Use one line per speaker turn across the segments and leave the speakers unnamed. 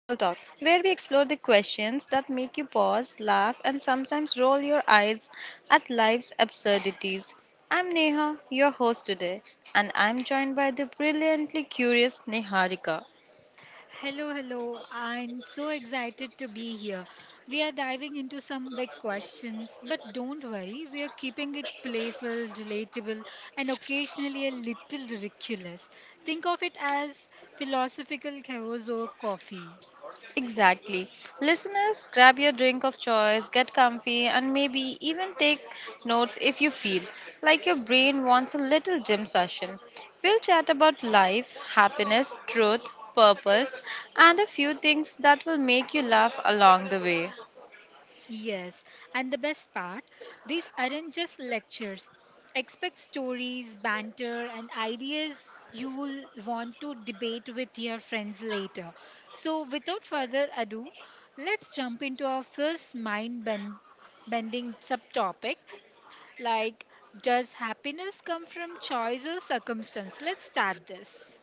where we explore the questions that make you pause, laugh, and sometimes roll your eyes at life's absurdities. I'm Neha, your host today, and I'm joined by the brilliantly curious Neharika.
Hello, hello. I'm so excited to be here. We are diving into some big questions, but don't worry, we are keeping it playful, relatable, and occasionally a little ridiculous. Think of it as philosophical chaos or coffee.
Exactly. Listeners, grab your drink of choice, get comfy, and maybe even take notes if you feel like your brain wants a little gym session. We'll chat about life, happiness, truth, purpose, and a few things that will make you laugh along the way.
Yes, and the best part, these aren't just lectures. Expect stories, banter, and ideas you'll want to debate with your friends later. So, without further ado, let's jump into our first bending subtopic like, does happiness come from choice or circumstance? Let's start this.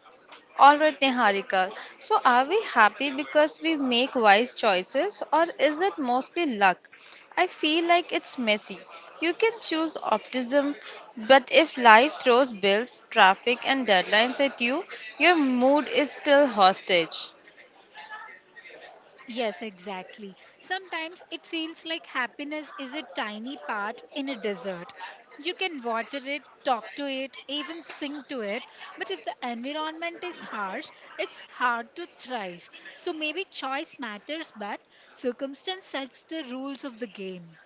All right, Niharika. So, are we happy because we make wise choices, or is it mostly luck? I feel like it's messy. You can choose optimism, but if life throws bills, traffic, and deadlines at you, your mood is still hostage.
Yes, exactly. Sometimes it feels like happiness is a tiny part in a desert. You can water it, talk to it, even sing to it, but if the environment is harsh, it's hard to thrive. So maybe choice matters, but circumstance sets the rules of the game.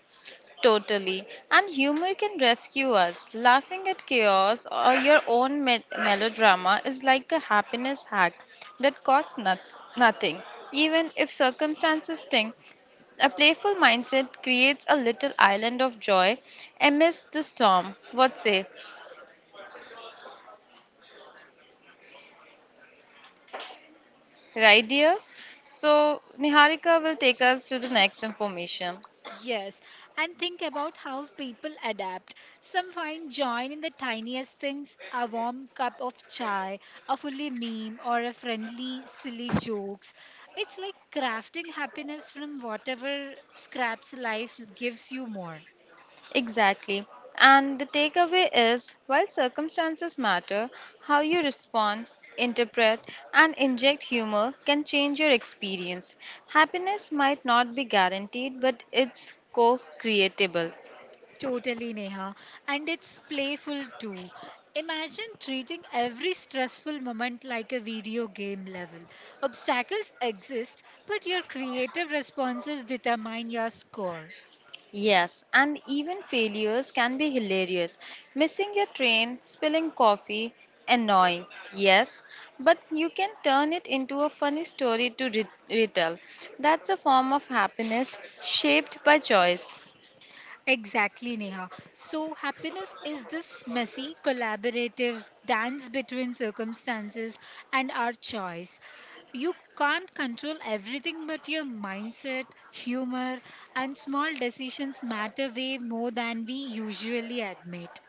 Totally. And humor can rescue us. Laughing at chaos or your own melodrama is like a happiness hack that costs nothing, even if circumstances sting. A playful mindset creates a little island of joy amidst the storm. What say? Right, dear? So, Niharika will take us to the next information.
Yes, and think about how people adapt. Some find joy in the tiniest things: a warm cup of chai, a fully meme, or a friendly, silly jokes. It's like crafting happiness from whatever scraps life gives you more.
Exactly. And the takeaway is while circumstances matter, how you respond, interpret, and inject humor can change your experience. Happiness might not be guaranteed, but it's co creatable.
Totally, Neha. And it's playful too. Imagine treating every stressful moment like a video game level. Obstacles exist, but your creative responses determine your score.
Yes, and even failures can be hilarious. Missing your train, spilling coffee, annoying, yes, but you can turn it into a funny story to retell. That's a form of happiness shaped by choice.
Exactly, Neha. So, happiness is this messy, collaborative dance between circumstances and our choice. You can't control everything, but your mindset, humor, and small decisions matter way more than we usually admit.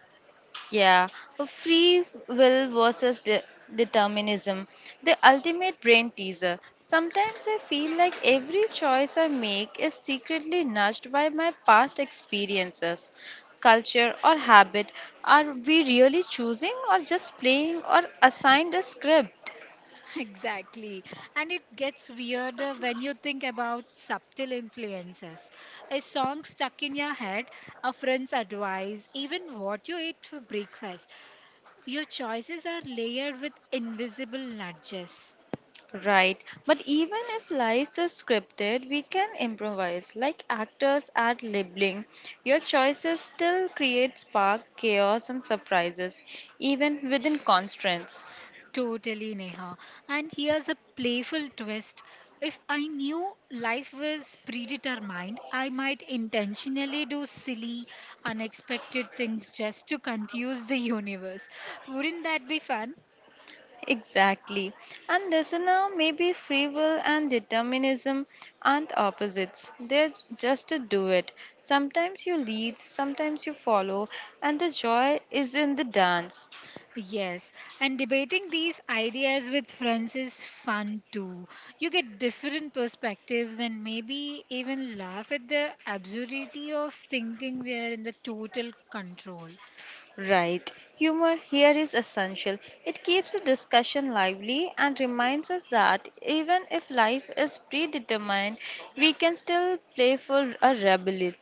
Yeah, a free will versus determinism, the ultimate brain teaser. Sometimes I feel like every choice I make is secretly nudged by my past experiences, culture, or habit. Are we really choosing, or just playing, or assigned a script?
Exactly. And it gets weirder when you think about subtle influences. A song stuck in your head, a friend's advice, even what you ate for breakfast. Your choices are layered with invisible nudges.
Right, but even if lives is scripted, we can improvise. Like actors at labeling, your choices still create spark, chaos, and surprises, even within constraints.
Totally, Neha. And here's a playful twist. If I knew life was predetermined, I might intentionally do silly, unexpected things just to confuse the universe. Wouldn't that be fun?
Exactly. And listener, maybe free will and determinism aren't opposites. They're just a duet. Sometimes you lead, sometimes you follow, and the joy is in the dance.
Yes, and debating these ideas with friends is fun too. You get different perspectives and maybe even laugh at the absurdity of thinking we are in the total control.
Right. Humor here is essential. It keeps the discussion lively and reminds us that even if life is predetermined, we can still play for a rebellion.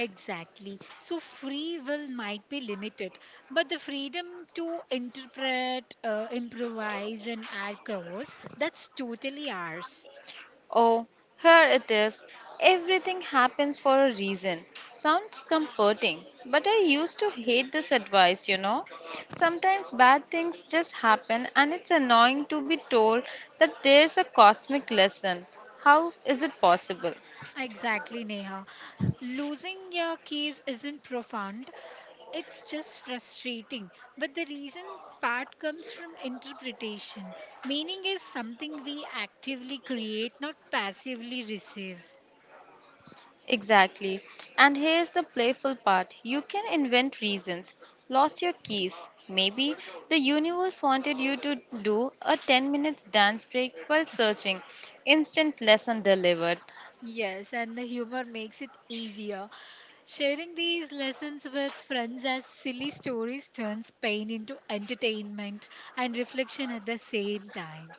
Exactly. So, free will might be limited, but the freedom to interpret, improvise, and add covers that's totally ours.
Oh, here it is. Everything happens for a reason. Sounds comforting, but I used to hate this advice, you know. Sometimes bad things just happen, and it's annoying to be told that there's a cosmic lesson. How is it possible?
Exactly, Neha. Losing your keys isn't profound, it's just frustrating. But the reason part comes from interpretation. Meaning is something we actively create, not passively receive.
Exactly. And here's the playful part you can invent reasons. Lost your keys. Maybe the universe wanted you to do a 10 minutes dance break while searching. Instant lesson delivered.
Yes, and the humor makes it easier. Sharing these lessons with friends as silly stories turns pain into entertainment and reflection at the same time.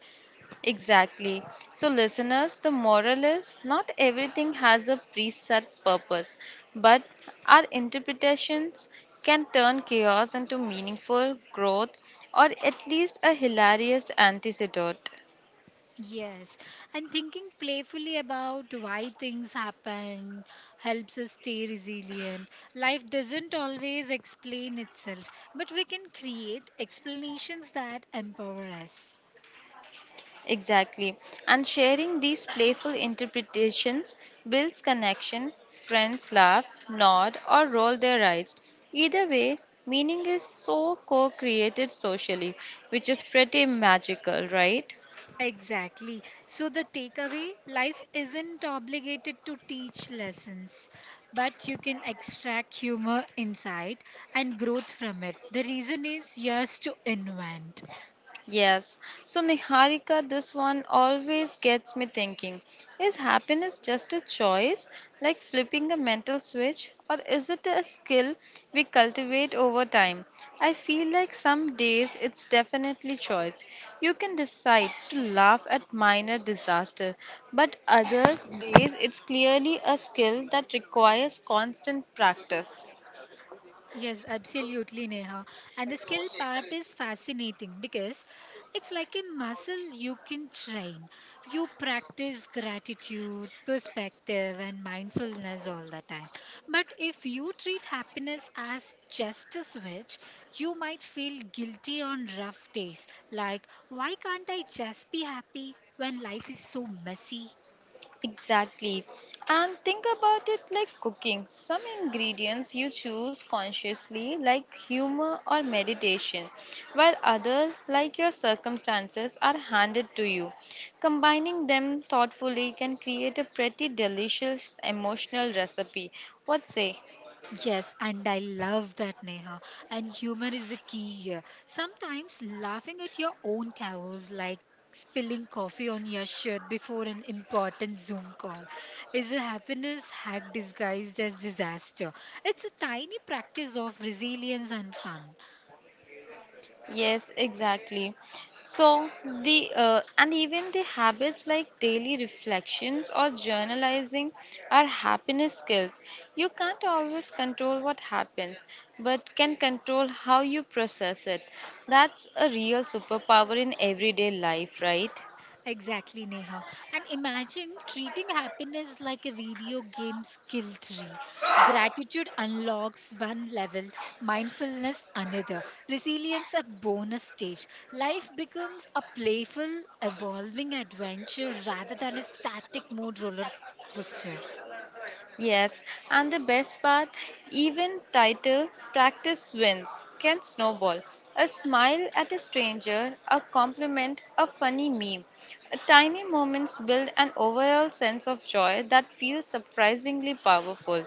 Exactly. So, listeners, the moral is not everything has a preset purpose, but our interpretations can turn chaos into meaningful growth or at least a hilarious antidote.
Yes, and thinking playfully about why things happen helps us stay resilient. Life doesn't always explain itself, but we can create explanations that empower us.
Exactly. And sharing these playful interpretations builds connection. Friends laugh, nod, or roll their eyes. Either way, meaning is so co created socially, which is pretty magical, right?
Exactly. So, the takeaway: life isn't obligated to teach lessons, but you can extract humor, insight, and growth from it. The reason is yours to invent.
Yes. So, Niharika, this one always gets me thinking. Is happiness just a choice, like flipping a mental switch, or is it a skill we cultivate over time? I feel like some days it's definitely choice. You can decide to laugh at minor disaster, but other days it's clearly a skill that requires constant practice.
Yes, absolutely, Neha. And the skill part is fascinating because it's like a muscle you can train. You practice gratitude, perspective, and mindfulness all the time. But if you treat happiness as just a switch, you might feel guilty on rough days. Like, why can't I just be happy when life is so messy?
Exactly. And think about it like cooking. Some ingredients you choose consciously, like humor or meditation, while others, like your circumstances, are handed to you. Combining them thoughtfully can create a pretty delicious emotional recipe. What say?
Yes, and I love that, Neha. And humor is a key here. Sometimes laughing at your own chaos, like spilling coffee on your shirt before an important Zoom call, is a happiness hack disguised as disaster. It's a tiny practice of resilience and fun.
Yes, exactly. So the and even the habits like daily reflections or journalizing are happiness skills. You can't always control what happens, but can control how you process it. That's a real superpower in everyday life, right?
Exactly, Neha. And imagine treating happiness like a video game skill tree. Gratitude unlocks one level, mindfulness another, resilience a bonus stage. Life becomes a playful, evolving adventure rather than a static mode roller coaster.
Yes, and the best part, even title practice wins can snowball. A smile at a stranger, a compliment, a funny meme. Tiny moments build an overall sense of joy that feels surprisingly powerful.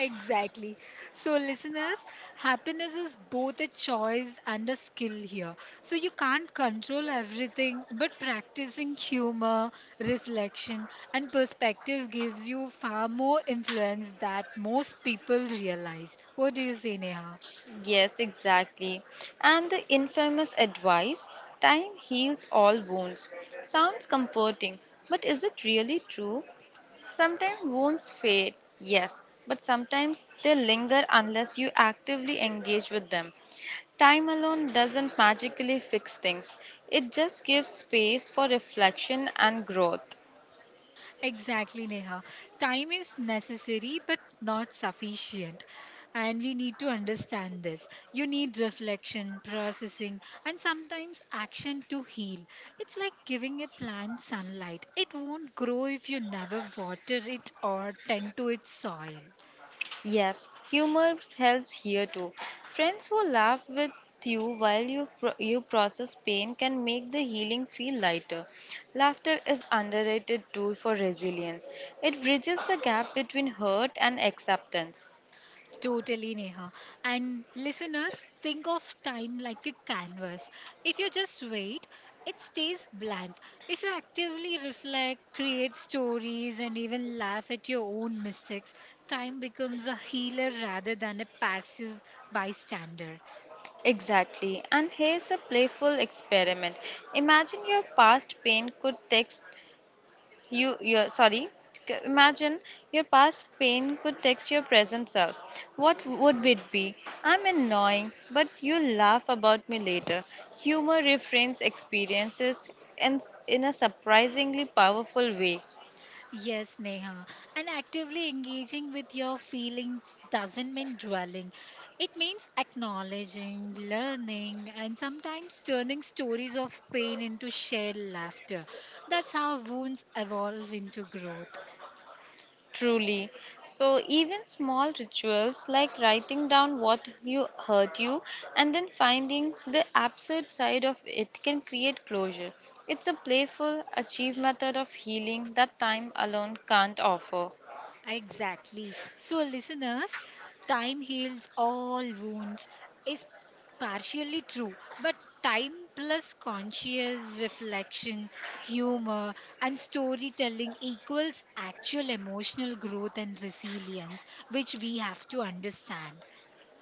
Exactly. So, listeners, happiness is both a choice and a skill here. So, you can't control everything, but practicing humor, reflection, and perspective gives you far more influence that most people realize. What do you say, Neha?
Yes, exactly. And the infamous advice, time heals all wounds, sounds comforting, but is it really true? Sometimes wounds fade, yes, but sometimes they linger unless you actively engage with them. Time alone doesn't magically fix things, it just gives space for reflection and growth.
Exactly, Neha. Time is necessary but not sufficient. And we need to understand this. You need reflection, processing, and sometimes action to heal. It's like giving a plant sunlight. It won't grow if you never water it or tend to its soil.
Yes, humor helps here too. Friends who laugh with you while you process pain can make the healing feel lighter. Laughter is underrated tool for resilience. It bridges the gap between hurt and acceptance.
Totally, Neha. And listeners, think of time like a canvas. If you just wait, it stays blank. If you actively reflect, create stories, and even laugh at your own mistakes, time becomes a healer rather than a passive bystander.
Exactly. And here's a playful experiment. Imagine your past pain could text you your sorry. Imagine your past pain could text your present self. What would it be? I'm annoying, but you'll laugh about me later. Humor reframes experiences in, in a surprisingly powerful way.
Yes, Neha. And actively engaging with your feelings doesn't mean dwelling. It means acknowledging, learning, and sometimes turning stories of pain into shared laughter. That's how wounds evolve into growth.
Truly. So, even small rituals like writing down what you hurt you and then finding the absurd side of it can create closure. It's a playful, achieve method of healing that time alone can't offer.
Exactly. So, listeners, time heals all wounds is partially true, but time plus conscious reflection, humor, and storytelling equals actual emotional growth and resilience, which we have to understand.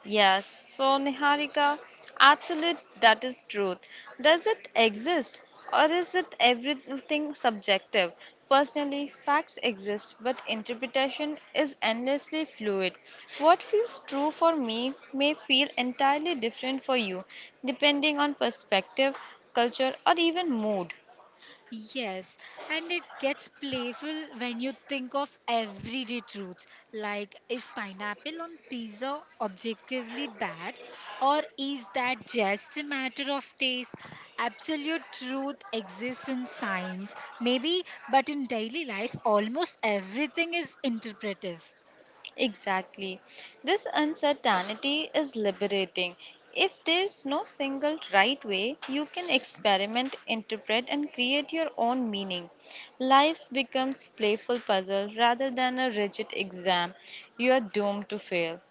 Yes, so Niharika, absolute that is truth. Does it exist or is it everything subjective? Personally, facts exist, but interpretation is endlessly fluid. What feels true for me may feel entirely different for you, depending on perspective, culture, or even mood.
Yes, and it gets playful when you think of everyday truths like, is pineapple on pizza objectively bad, or is that just a matter of taste? Absolute truth exists in science, maybe, but in daily life, almost everything is interpretive.
Exactly. This uncertainty is liberating. If there's no single right way, you can experiment, interpret, and create your own meaning. Life becomes playful puzzle rather than a rigid exam you are doomed to fail.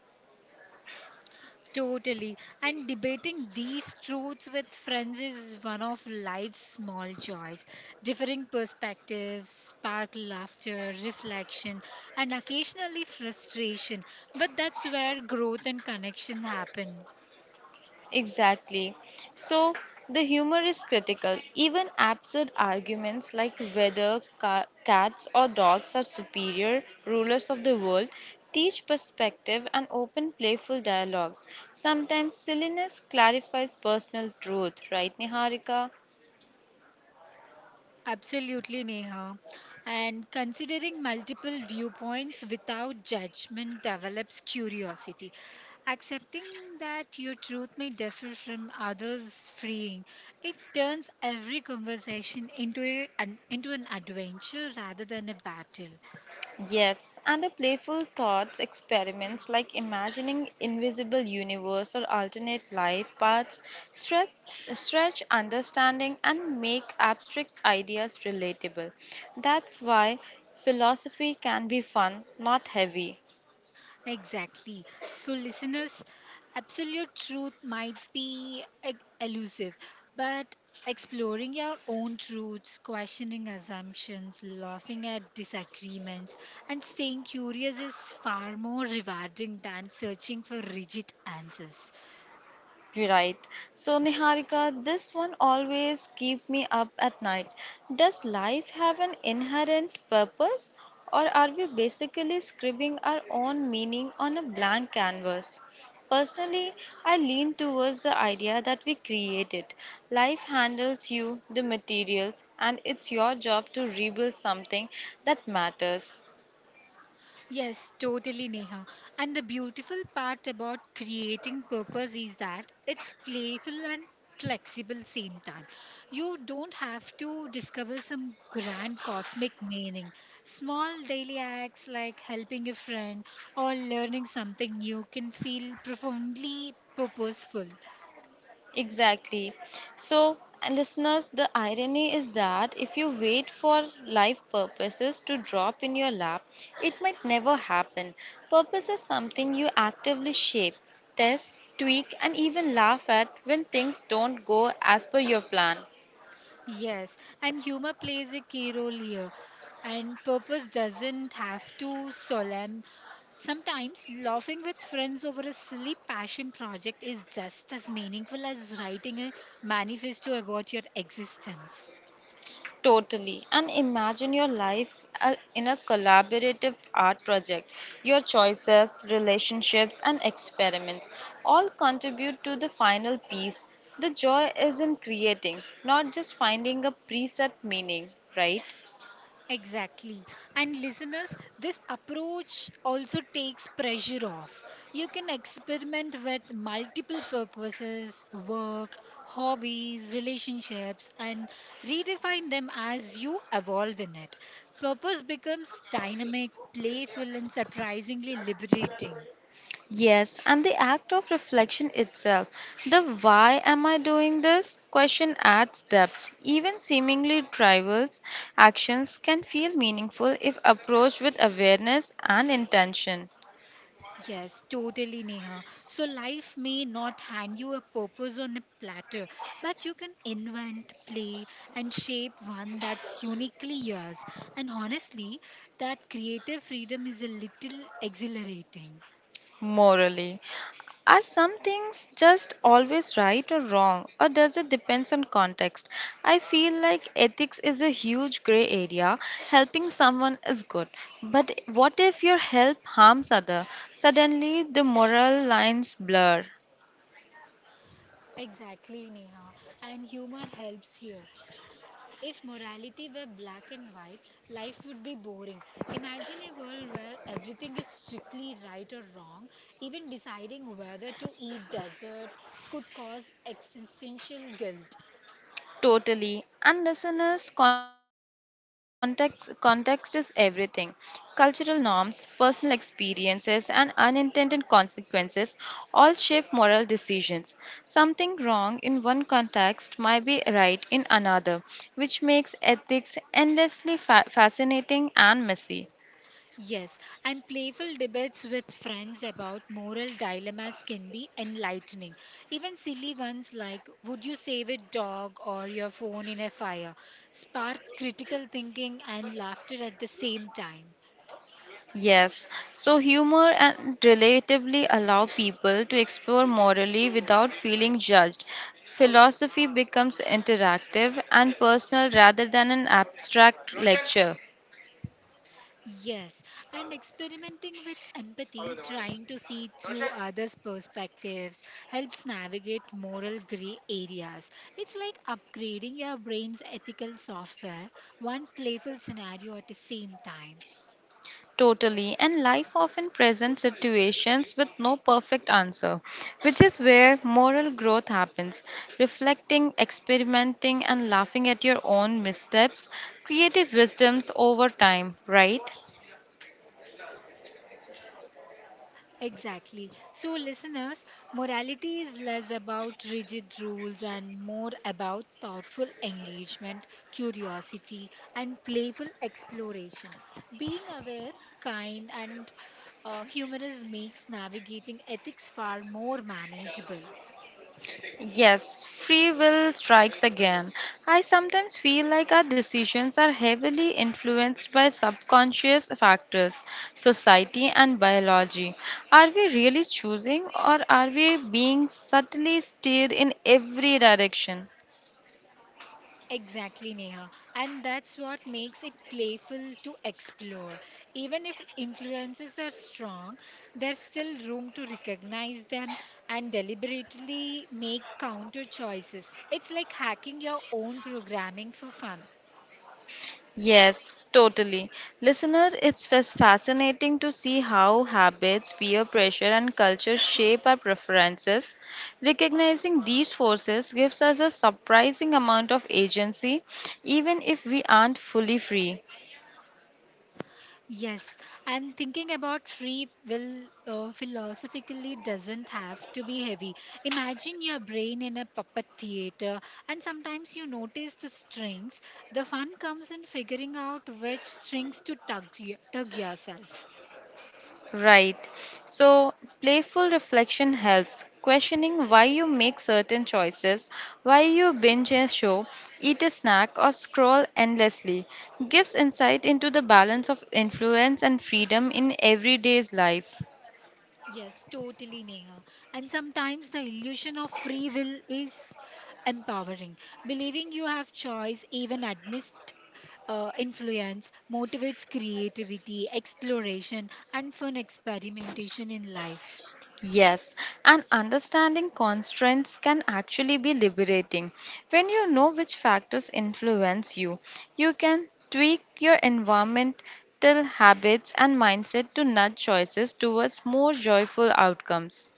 Totally. And debating these truths with friends is one of life's small joys. Differing perspectives spark laughter, reflection, and occasionally frustration. But that's where growth and connection happen.
Exactly. So the humor is critical. Even absurd arguments like whether cats or dogs are superior rulers of the world teach perspective and open playful dialogues. Sometimes silliness clarifies personal truth, right, Niharika?
Absolutely, Neha. And considering multiple viewpoints without judgment develops curiosity. Accepting that your truth may differ from others' freeing. It turns every conversation into an adventure rather than a battle.
Yes, and the playful thoughts experiments like imagining invisible universe or alternate life paths stretch, stretch understanding and make abstract ideas relatable. That's why philosophy can be fun, not heavy.
Exactly. So, listeners, absolute truth might be elusive, but exploring your own truths, questioning assumptions, laughing at disagreements, and staying curious is far more rewarding than searching for rigid answers.
Right. So, Niharika, this one always keep me up at night. Does life have an inherent purpose, or are we basically scribbling our own meaning on a blank canvas? Personally, I lean towards the idea that we create it. Life handles you the materials, and it's your job to rebuild something that matters.
Yes, totally, Neha. And the beautiful part about creating purpose is that it's playful and flexible same time. You don't have to discover some grand cosmic meaning. Small daily acts like helping a friend or learning something new can feel profoundly purposeful.
Exactly. So, listeners, the irony is that if you wait for life purposes to drop in your lap, it might never happen. Purpose is something you actively shape, test, tweak, and even laugh at when things don't go as per your plan.
Yes, and humor plays a key role here. And purpose doesn't have to solemn. Sometimes laughing with friends over a silly passion project is just as meaningful as writing a manifesto about your existence.
Totally. And imagine your life in a collaborative art project. Your choices, relationships, and experiments all contribute to the final piece. The joy is in creating, not just finding a preset meaning, right?
Exactly. And listeners, this approach also takes pressure off. You can experiment with multiple purposes, work, hobbies, relationships, and redefine them as you evolve in it. Purpose becomes dynamic, playful, and surprisingly liberating.
Yes, and the act of reflection itself, the why am I doing this question adds depth. Even seemingly trivial actions can feel meaningful if approached with awareness and intention.
Yes, totally, Neha. So, life may not hand you a purpose on a platter, but you can invent, play, and shape one that's uniquely yours. And honestly, that creative freedom is a little exhilarating.
Morally. Are some things just always right or wrong, or does it depends on context? I feel like ethics is a huge gray area. Helping someone is good, but what if your help harms other? Suddenly, the moral lines blur.
Exactly, Neha. And humor helps here. If morality were black and white, life would be boring. Imagine a world where everything is strictly right or wrong. Even deciding whether to eat dessert could cause existential guilt.
Totally. And listeners, context context is everything. Cultural norms, personal experiences, and unintended consequences all shape moral decisions. Something wrong in one context might be right in another, which makes ethics endlessly fascinating and messy.
Yes, and playful debates with friends about moral dilemmas can be enlightening. Even silly ones like, would you save a dog or your phone in a fire, spark critical thinking and laughter at the same time.
Yes, so humor and relatively allow people to explore morally without feeling judged. Philosophy becomes interactive and personal rather than an abstract lecture.
Yes, and experimenting with empathy, trying to see through others' perspectives, helps navigate moral gray areas. It's like upgrading your brain's ethical software, one playful scenario at the same time.
Totally, and life often presents situations with no perfect answer, which is where moral growth happens. Reflecting, experimenting, and laughing at your own missteps, creative wisdoms over time, right?
Exactly. So, listeners, morality is less about rigid rules and more about thoughtful engagement, curiosity, and playful exploration. Being aware, kind, and humorous makes navigating ethics far more manageable.
Yes, free will strikes again. I sometimes feel like our decisions are heavily influenced by subconscious factors, society, and biology. Are we really choosing, or are we being subtly steered in every direction?
Exactly, Neha. And that's what makes it playful to explore. Even if influences are strong, there's still room to recognize them and deliberately make counter choices. It's like hacking your own programming for fun.
Yes, totally. Listener, it's fascinating to see how habits, peer pressure, and culture shape our preferences. Recognizing these forces gives us a surprising amount of agency, even if we aren't fully free.
Yes, and thinking about free will philosophically doesn't have to be heavy. Imagine your brain in a puppet theater, and sometimes you notice the strings. The fun comes in figuring out which strings to tug, tug yourself.
Right. So, playful reflection helps. Questioning why you make certain choices, why you binge a show, eat a snack, or scroll endlessly gives insight into the balance of influence and freedom in everyday's life.
Yes, totally, Neha. And sometimes the illusion of free will is empowering. Believing you have choice, even amidst influence, motivates creativity, exploration, and fun experimentation in life.
Yes, and understanding constraints can actually be liberating. When you know which factors influence you, you can tweak your environmental habits and mindset to nudge choices towards more joyful outcomes.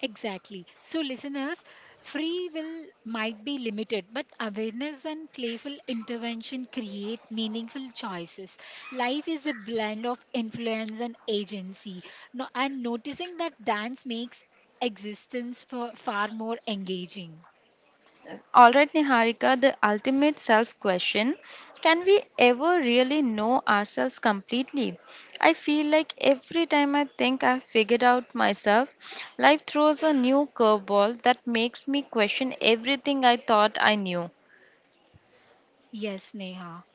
Exactly. So, listeners, free will might be limited, but awareness and playful intervention create meaningful choices. Life is a blend of influence and agency. No, and noticing that dance makes existence for far more engaging.
All right, Niharika, the ultimate self question can we ever really know ourselves completely? I feel like every time I think I've figured out myself, life throws a new curveball that makes me question everything I thought I knew.
Yes, Neha.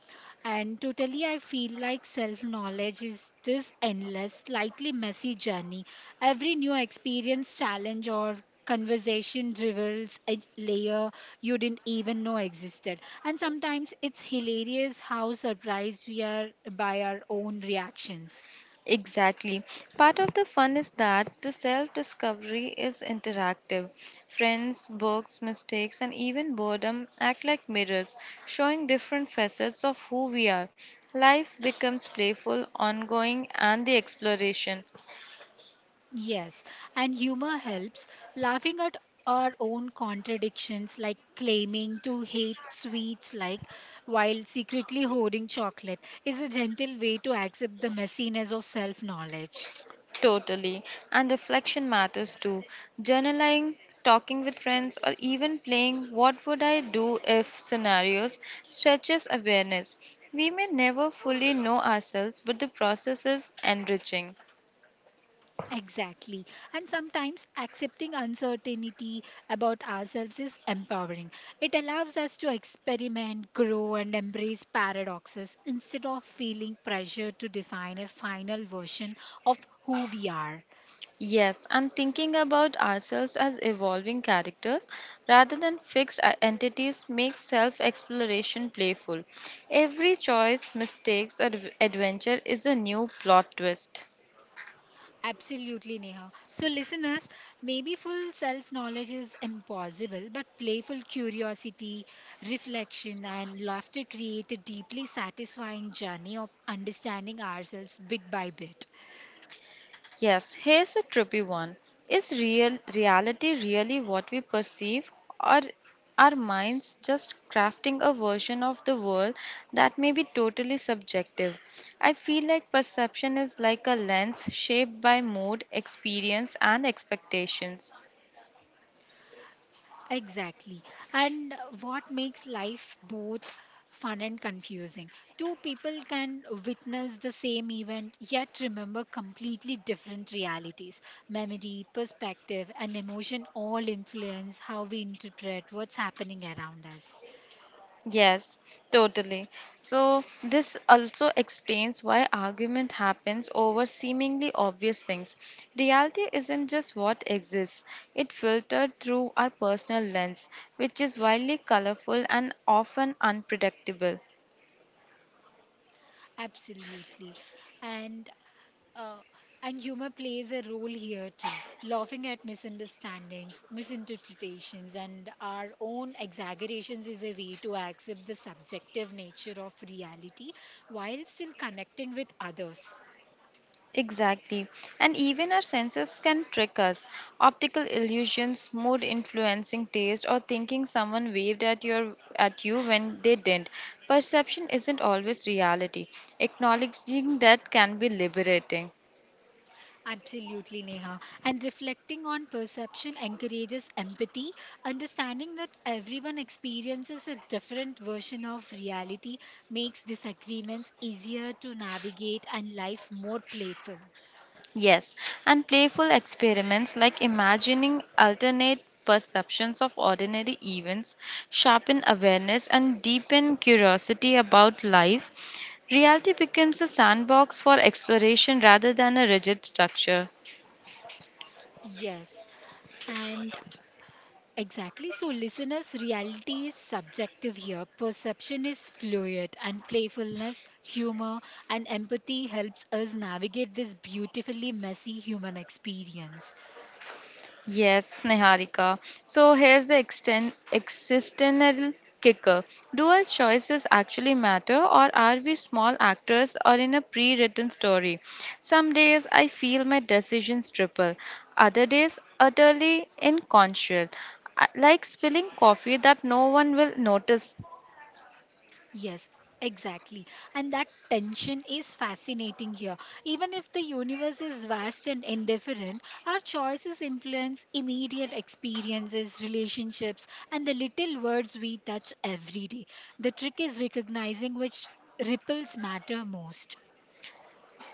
And totally, I feel like self knowledge is this endless, slightly messy journey. Every new experience, challenge, or conversation reveals a layer you didn't even know existed. And sometimes it's hilarious how surprised we are by our own reactions.
Exactly. Part of the fun is that the self discovery is interactive. Friends, books, mistakes, and even boredom act like mirrors, showing different facets of who we are. Life becomes playful, ongoing, and the exploration.
Yes, and humor helps. Laughing at our own contradictions, like claiming to hate sweets, like while secretly hoarding chocolate, is a gentle way to accept the messiness of self knowledge.
Totally. And reflection matters too. Journaling, talking with friends, or even playing what would I do if scenarios stretches awareness. We may never fully know ourselves, but the process is enriching.
Exactly. And sometimes accepting uncertainty about ourselves is empowering. It allows us to experiment, grow, and embrace paradoxes instead of feeling pressure to define a final version of who we are.
Yes, and thinking about ourselves as evolving characters rather than fixed entities makes self exploration playful. Every choice, mistakes, or adventure is a new plot twist.
Absolutely, Neha. So, listeners, maybe full self knowledge is impossible, but playful curiosity, reflection, and laughter create a deeply satisfying journey of understanding ourselves bit by bit.
Yes, here's a trippy one. Is real reality really what we perceive or are minds just crafting a version of the world that may be totally subjective? I feel like perception is like a lens shaped by mood, experience and expectations.
Exactly. And what makes life both fun and confusing? Two people can witness the same event yet remember completely different realities. Memory, perspective, and emotion all influence how we interpret what's happening around us.
Yes, totally. So, this also explains why argument happens over seemingly obvious things. Reality isn't just what exists, it filtered through our personal lens, which is wildly colorful and often unpredictable.
Absolutely. And Uh, and humor plays a role here too. Laughing at misunderstandings, misinterpretations, and our own exaggerations is a way to accept the subjective nature of reality while still connecting with others.
Exactly. And even our senses can trick us. Optical illusions, mood influencing taste, or thinking someone waved at your at you when they didn't. Perception isn't always reality. Acknowledging that can be liberating.
Absolutely, Neha. And reflecting on perception encourages empathy, understanding that everyone experiences a different version of reality makes disagreements easier to navigate and life more playful.
Yes, and playful experiments like imagining alternate perceptions of ordinary events sharpen awareness and deepen curiosity about life. Reality becomes a sandbox for exploration rather than a rigid structure.
Yes, and exactly. So, listeners, reality is subjective here. Perception is fluid, and playfulness, humor, and empathy helps us navigate this beautifully messy human experience.
Yes, Niharika. So here's the exten existential kicker. Do our choices actually matter, or are we small actors or in a pre-written story? Some days I feel my decisions triple, other days utterly inconsequential, like spilling coffee that no one will notice.
Yes, exactly. And that tension is fascinating here. Even if the universe is vast and indifferent, our choices influence immediate experiences, relationships, and the little words we touch every day. The trick is recognizing which ripples matter most.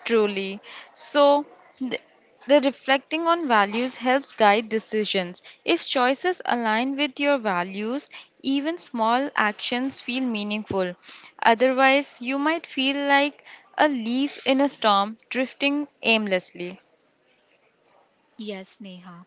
Truly. So, th- the reflecting on values helps guide decisions. If choices align with your values, even small actions feel meaningful. Otherwise, you might feel like a leaf in a storm drifting aimlessly.
Yes, Neha.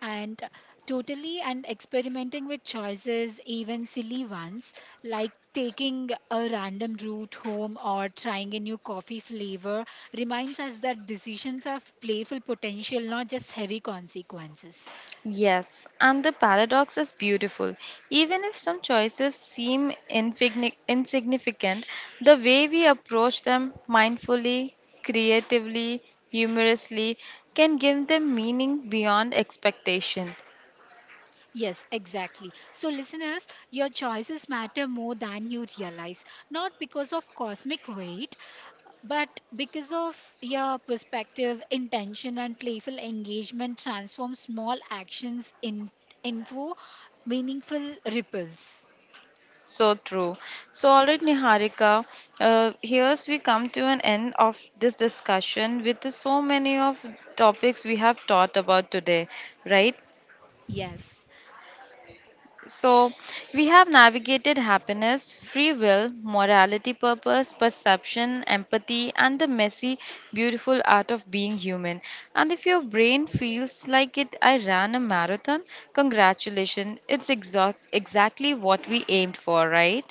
And totally, and experimenting with choices, even silly ones, like taking a random route home or trying a new coffee flavor, reminds us that decisions have playful potential, not just heavy consequences.
Yes, and the paradox is beautiful. Even if some choices seem insignificant, the way we approach them mindfully, creatively, humorously can give them meaning beyond expectation.
Yes, exactly. So, listeners, your choices matter more than you realize, not because of cosmic weight, but because of your perspective, intention, and playful engagement, transform small actions into meaningful ripples.
So true. So, all right, Niharika, here's we come to an end of this discussion with the so many of topics we have taught about today, right?
Yes.
So, we have navigated happiness, free will, morality, purpose, perception, empathy, and the messy, beautiful art of being human. And if your brain feels like it, I ran a marathon, congratulations, it's exactly what we aimed for, right?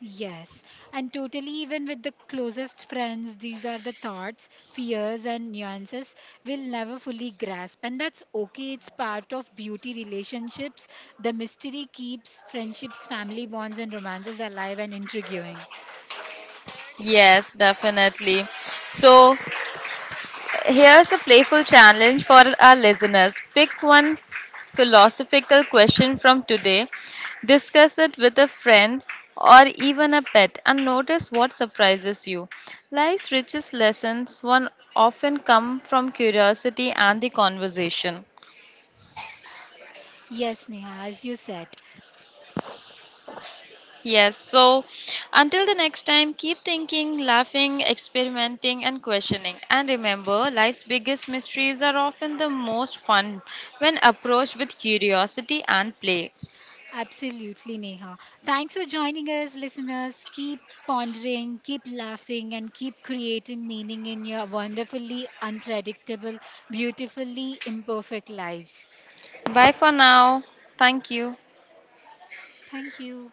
Yes, and totally, even with the closest friends, these are the thoughts, fears, and nuances we'll never fully grasp. And that's okay, it's part of beauty relationships. The mystery keeps friendships, family bonds, and romances alive and intriguing.
Yes, definitely. So, here's a playful challenge for our listeners. Pick one philosophical question from today, discuss it with a friend or even a pet, and notice what surprises you. Life's richest lessons one often come from curiosity and the conversation.
Yes, Neha, as you said.
Yes, so until the next time, keep thinking, laughing, experimenting, and questioning. And remember, life's biggest mysteries are often the most fun when approached with curiosity and play.
Absolutely, Neha. Thanks for joining us, listeners. Keep pondering, keep laughing, and keep creating meaning in your wonderfully unpredictable, beautifully imperfect lives.
Bye for now. Thank you.
Thank you.